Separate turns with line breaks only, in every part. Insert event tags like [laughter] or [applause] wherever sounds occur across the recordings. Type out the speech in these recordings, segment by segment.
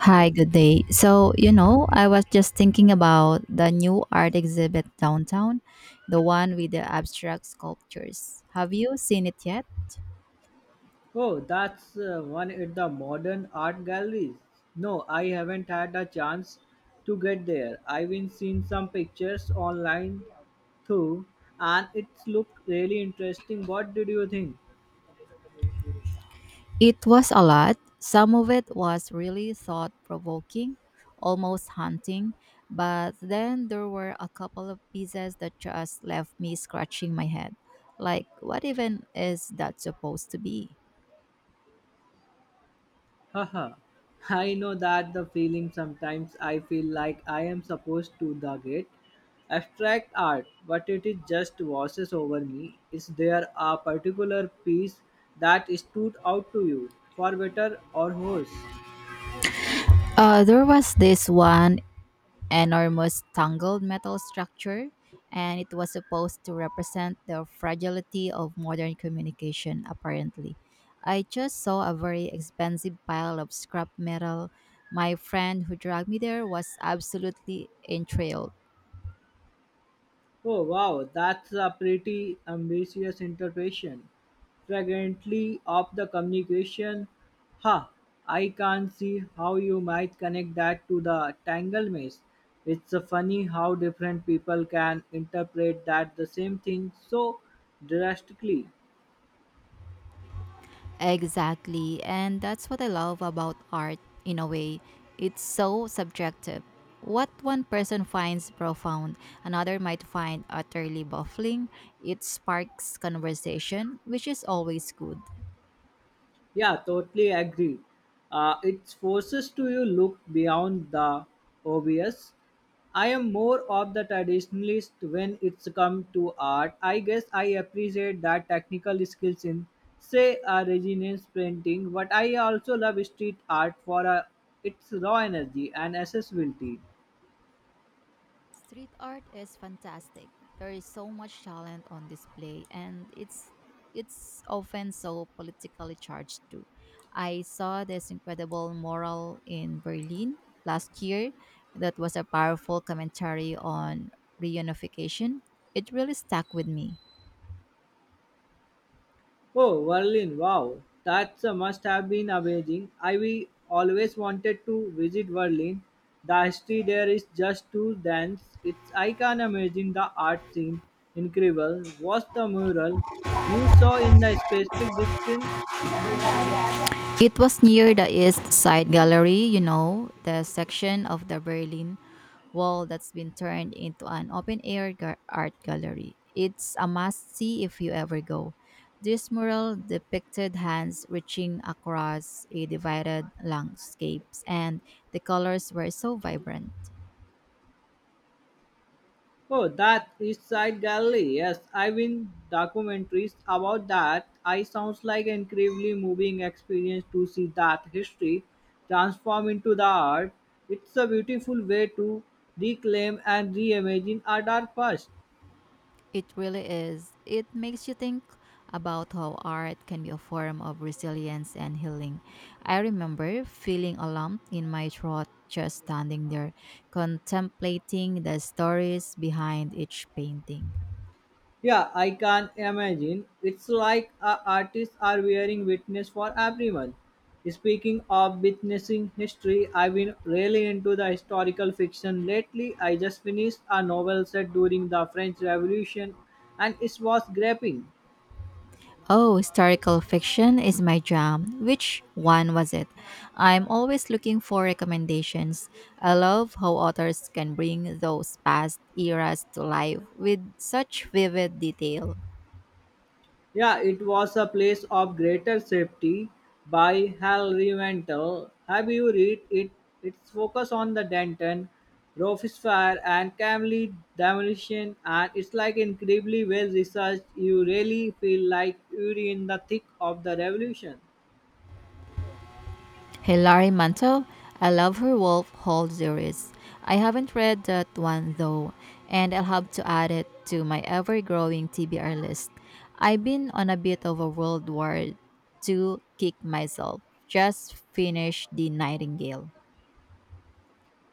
Hi, good day. I was just thinking about the new art exhibit downtown, the one with the abstract sculptures. Have you seen it yet?
Oh, that's one at the modern art galleries. No, I haven't had a chance to get there. I've been seeing some pictures online too, and it's looked really interesting. What did you think?
It was a lot. Some of it was really thought provoking, almost haunting, but then there were a couple of pieces that just left me scratching my head. Like, what even is that supposed to be?
Haha. I know that the feeling sometimes I feel like I am supposed to the gate abstract art, but it is just washes over me. Is there a particular piece that stood out to you, for better or worse?
There was this one enormous tangled metal structure, and it was supposed to represent the fragility of modern communication, apparently. I just saw a very expensive pile of scrap metal. My friend who dragged me there was absolutely enthralled.
Oh wow, that's a pretty ambitious interpretation. Fragrantly of the communication. Ha, I can't see how you might connect that to the tangle maze. It's funny how different people can interpret that the same thing so drastically.
Exactly. And that's what I love about art in a way. It's so subjective. What one person finds profound, another might find utterly baffling. It sparks conversation, which is always good.
Yeah, totally agree. It forces to you look beyond the obvious. I am more of the traditionalist when it's come to art. I guess I appreciate that technical skills in, say, a Renaissance painting, but I also love street art for its raw energy and accessibility.
Street art is fantastic. There is so much talent on display and it's often so politically charged too. I saw this incredible mural in Berlin last year that was a powerful commentary on reunification. It really stuck with me.
Oh, Berlin, wow. That's a must have been amazing. I we always wanted to visit Berlin. The history there is just too dense. It's I can imagine the art scene incredible. What's the mural you saw in the specific discipline?
It was near the East Side Gallery, you know, the section of the Berlin Wall that's been turned into an open air art gallery. It's a must see if you ever go. This mural depicted hands reaching across a divided landscape, and the colors were so vibrant.
Oh, that East Side Gallery. Yes, I've been documentaries about that. I sounds like an incredibly moving experience to see that history transform into the art. It's a beautiful way to reclaim and reimagine our dark past.
It really is. It makes you think about how art can be a form of resilience and healing. I remember feeling a lump in my throat just standing there, contemplating the stories behind each painting.
Yeah, I can imagine. It's like artists are wearing witness for everyone. Speaking of witnessing history, I've been really into the historical fiction lately. I just finished a novel set during the French Revolution and it was gripping.
Oh, historical fiction is my jam. Which one was it? I'm always looking for recommendations. I love how authors can bring those past eras to life with such vivid detail.
Yeah, it was a place of greater safety by Hal Reventel. Have you read it? Its focus on the Denton, Rofus and Camley demolition, and it's like incredibly well researched. You really feel like you're in the thick of the revolution.
Hilary Mantel, I love her Wolf Hall series. I haven't read that one though, and I'll have to add it to my ever growing TBR list. I've been on a bit of a World War II kick myself. Just finished The Nightingale.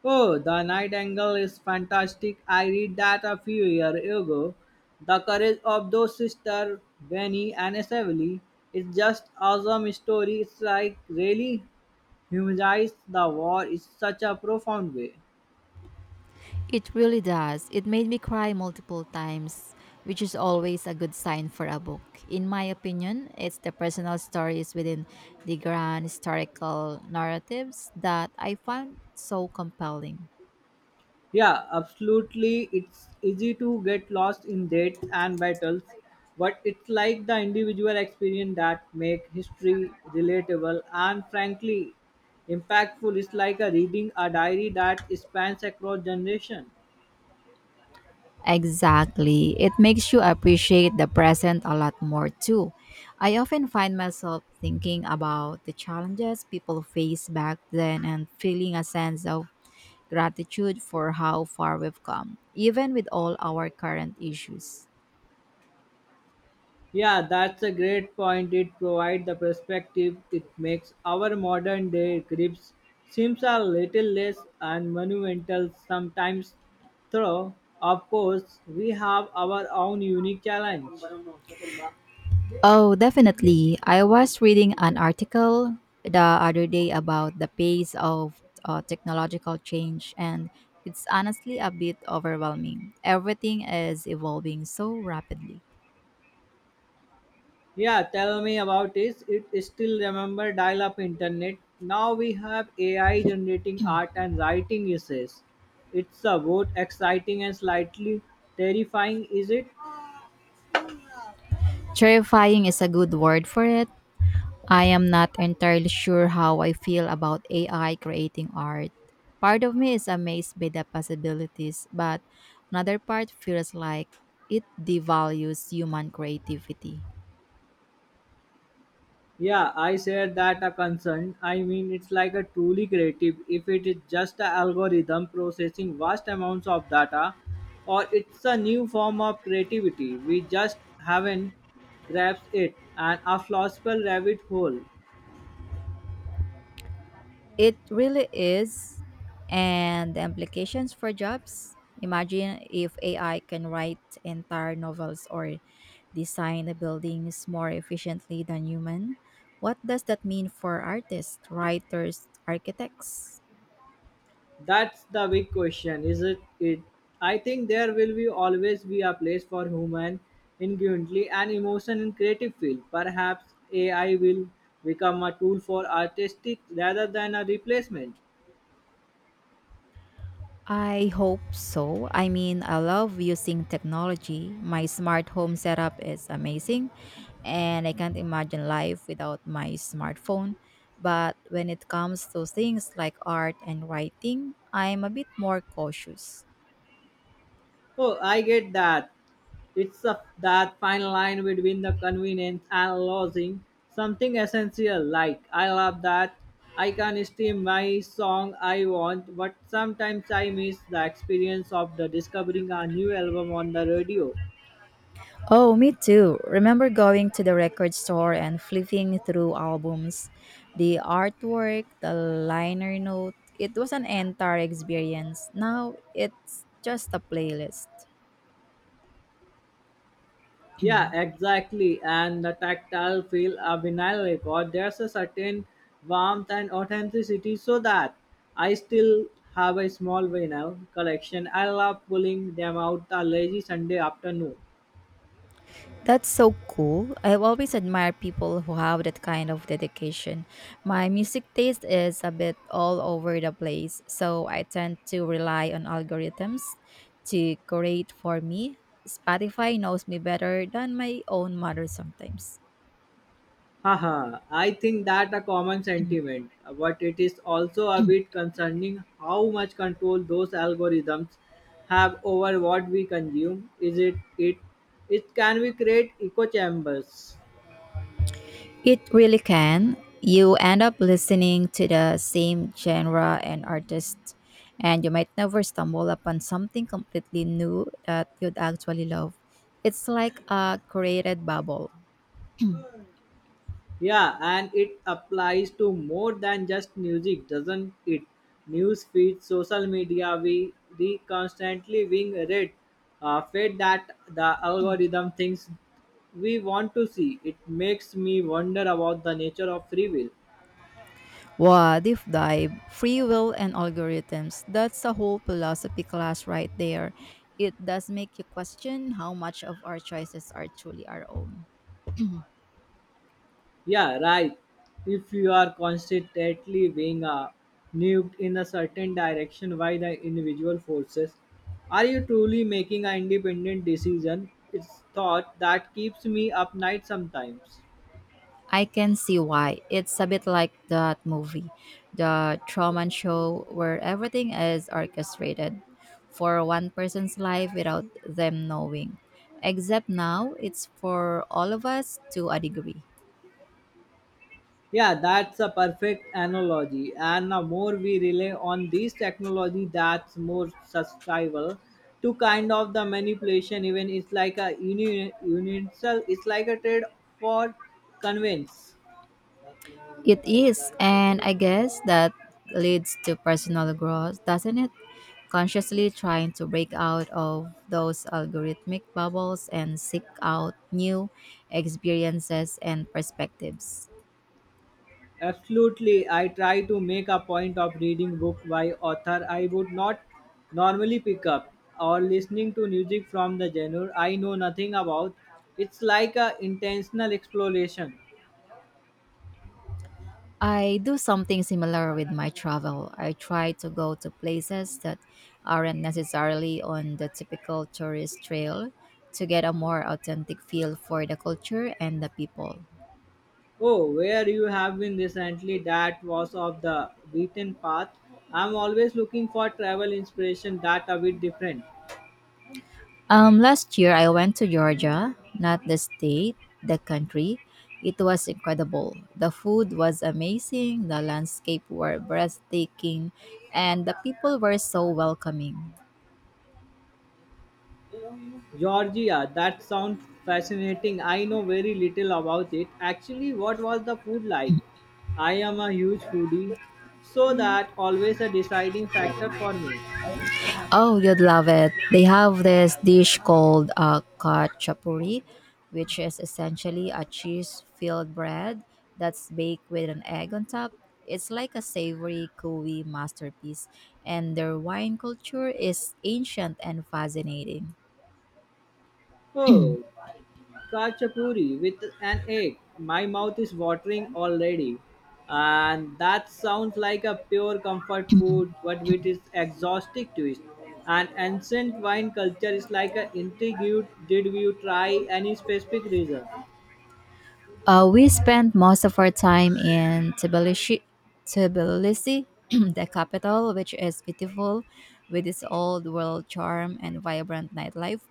Oh, the night angle is fantastic. I read that a few years ago. The courage of those sisters, Benny and Savili, is just awesome story. It's like really humanize the war in such a profound way.
It really does. It made me cry multiple times, which is always a good sign for a book. In my opinion, it's the personal stories within the grand historical narratives that I found so compelling.
Yeah, absolutely. It's easy to get lost in dates and battles, but it's like the individual experience that make history relatable and frankly impactful. It's like a reading a diary that spans across generation.
Exactly. It makes you appreciate the present a lot more too. I often find myself thinking about the challenges people faced back then and feeling a sense of gratitude for how far we've come, even with all our current issues.
Yeah, that's a great point. It provides the perspective. It makes our modern day grips seems a little less and monumental sometimes. Though, of course, we have our own unique challenge.
Oh, definitely. I was reading an article the other day about the pace of technological change, and it's honestly a bit overwhelming. Everything is evolving so rapidly.
Yeah, tell me about this. It still remember dial-up internet. Now we have AI generating art and writing essays. It's a both exciting and slightly terrifying, is it?
Terrifying is a good word for it. I am not entirely sure how I feel about AI creating art. Part of me is amazed by the possibilities, but another part feels like it devalues human creativity.
Yeah, I share that a concern. I mean, it's like a truly creative if it is just an algorithm processing vast amounts of data, or it's a new form of creativity. We just haven't grasped it, and a philosophical rabbit hole.
It really is. And the implications for jobs? Imagine if AI can write entire novels or design the buildings more efficiently than human. What does that mean for artists, writers, architects?
That's the big question, is it? I think there will be always be a place for human ingenuity and emotion in creative field. Perhaps AI will become a tool for artistic rather than a replacement.
I hope so. I mean, I love using technology. My smart home setup is amazing, and I can't imagine life without my smartphone. But when it comes to things like art and writing, I'm a bit more cautious.
Oh, I get that. It's a, that fine line between the convenience and losing something essential. Like, I love that I can stream my song I want, but sometimes I miss the experience of the discovering a new album on the radio.
Oh, me too. Remember going to the record store and flipping through albums, the artwork, the liner note. It was an entire experience. Now it's just a playlist.
Yeah,
[clears throat]
exactly. And the tactile feel of vinyl record, there's a certain warmth and authenticity so that I still have a small vinyl collection. I love pulling them out a lazy Sunday afternoon.
That's so cool. I've always admired people who have that kind of dedication. My music taste is a bit all over the place, so I tend to rely on algorithms to curate for me. Spotify knows me better than my own mother sometimes.
Haha, I think that a common sentiment, but it is also a
[clears throat]
bit concerning how much control those algorithms have over what we consume. Is it it can we create echo chambers?
It really can. You end up listening to the same genre and artists, and you might never stumble upon something completely new that you'd actually love. It's like a created bubble. [clears throat]
Yeah, and it applies to more than just music, doesn't it? News feeds, social media, we constantly being read, fed that the algorithm thinks we want to see. It makes me wonder about the nature of free will.
Wow, deep dive, free will and algorithms. That's a whole philosophy class right there. It does make you question how much of our choices are truly our own. [clears throat]
Yeah, right. If you are constantly being nuked in a certain direction by the individual forces, are you truly making an independent decision? It's thought that keeps me up night sometimes.
I can see why. It's a bit like that movie, The Truman Show, where everything is orchestrated for one person's life without them knowing. Except now, it's for all of us to a degree.
Yeah, that's a perfect analogy. And the more we rely on these technology, that's more susceptible to kind of the manipulation. Even it's like a universal, it's like a trade for convenience.
It is, and I guess that leads to personal growth, doesn't it? Consciously trying to break out of those algorithmic bubbles and seek out new experiences and perspectives.
Absolutely, I try to make a point of reading book by author I would not normally pick up or listening to music from the genre I know nothing about. It's like a intentional exploration.
I do something similar with my travel. I try to go to places that aren't necessarily on the typical tourist trail to get a more authentic feel for the culture and the people.
Oh, where you have been recently that was of the beaten path. I'm always looking for travel inspiration that a bit different.
Last year, I went to Georgia, not the state, the country. It was incredible. The food was amazing, the landscape were breathtaking, and the people were so welcoming.
Georgia, that sounds fascinating. I know very little about it. Actually, what was the food like? I am a huge foodie, so that always a deciding factor for me.
Oh, you'd love it. They have this dish called kachapuri, which is essentially a cheese filled bread that's baked with an egg on top. It's like a savory, gooey masterpiece, and their wine culture is ancient and fascinating.
Oh, kachapuri with an egg. My mouth is watering already. And that sounds like a pure comfort food, but with its exhaustive twist. And ancient wine culture is like a intrigued. Did you try any specific reason?
We spent most of our time in Tbilisi, Tbilisi [clears throat] the capital, which is beautiful with its old world charm and vibrant nightlife.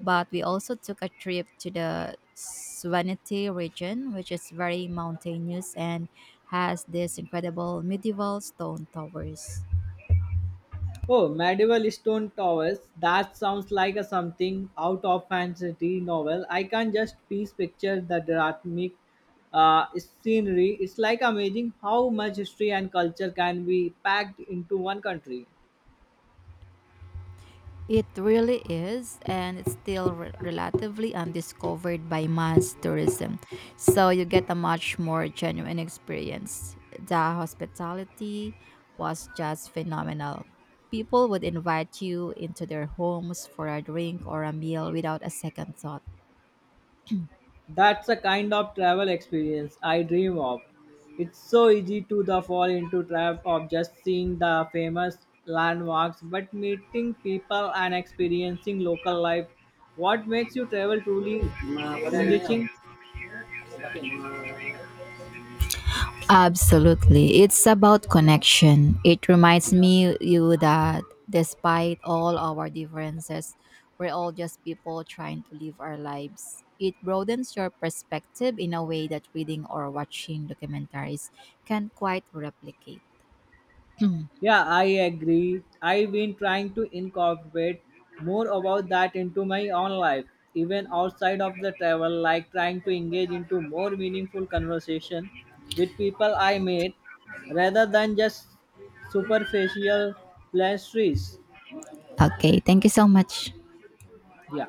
But we also took a trip to the Svaneti region, which is very mountainous and has these incredible medieval stone towers.
Oh, medieval stone towers. That sounds like a something out of fantasy novel. I can just piece picture the dramatic scenery. It's like amazing how much history and culture can be packed into one country.
It really is, and it's still relatively undiscovered by mass tourism. So you get a much more genuine experience. The hospitality was just phenomenal. People would invite you into their homes for a drink or a meal without a second thought.
That's a kind of travel experience I dream of. It's so easy to the fall into trap of just seeing the famous landmarks, but meeting people and experiencing local life. What makes you travel truly enriching?
Absolutely. It's about connection. It reminds me you that despite all our differences, we're all just people trying to live our lives. It broadens your perspective in a way that reading or watching documentaries can quite replicate. [clears throat] Mm.
Yeah, I agree. I've been trying to incorporate more about that into my own life, even outside of the travel, like trying to engage into more meaningful conversation with people I meet rather than just superficial pleasantries.
Okay, thank you so much.
Yeah.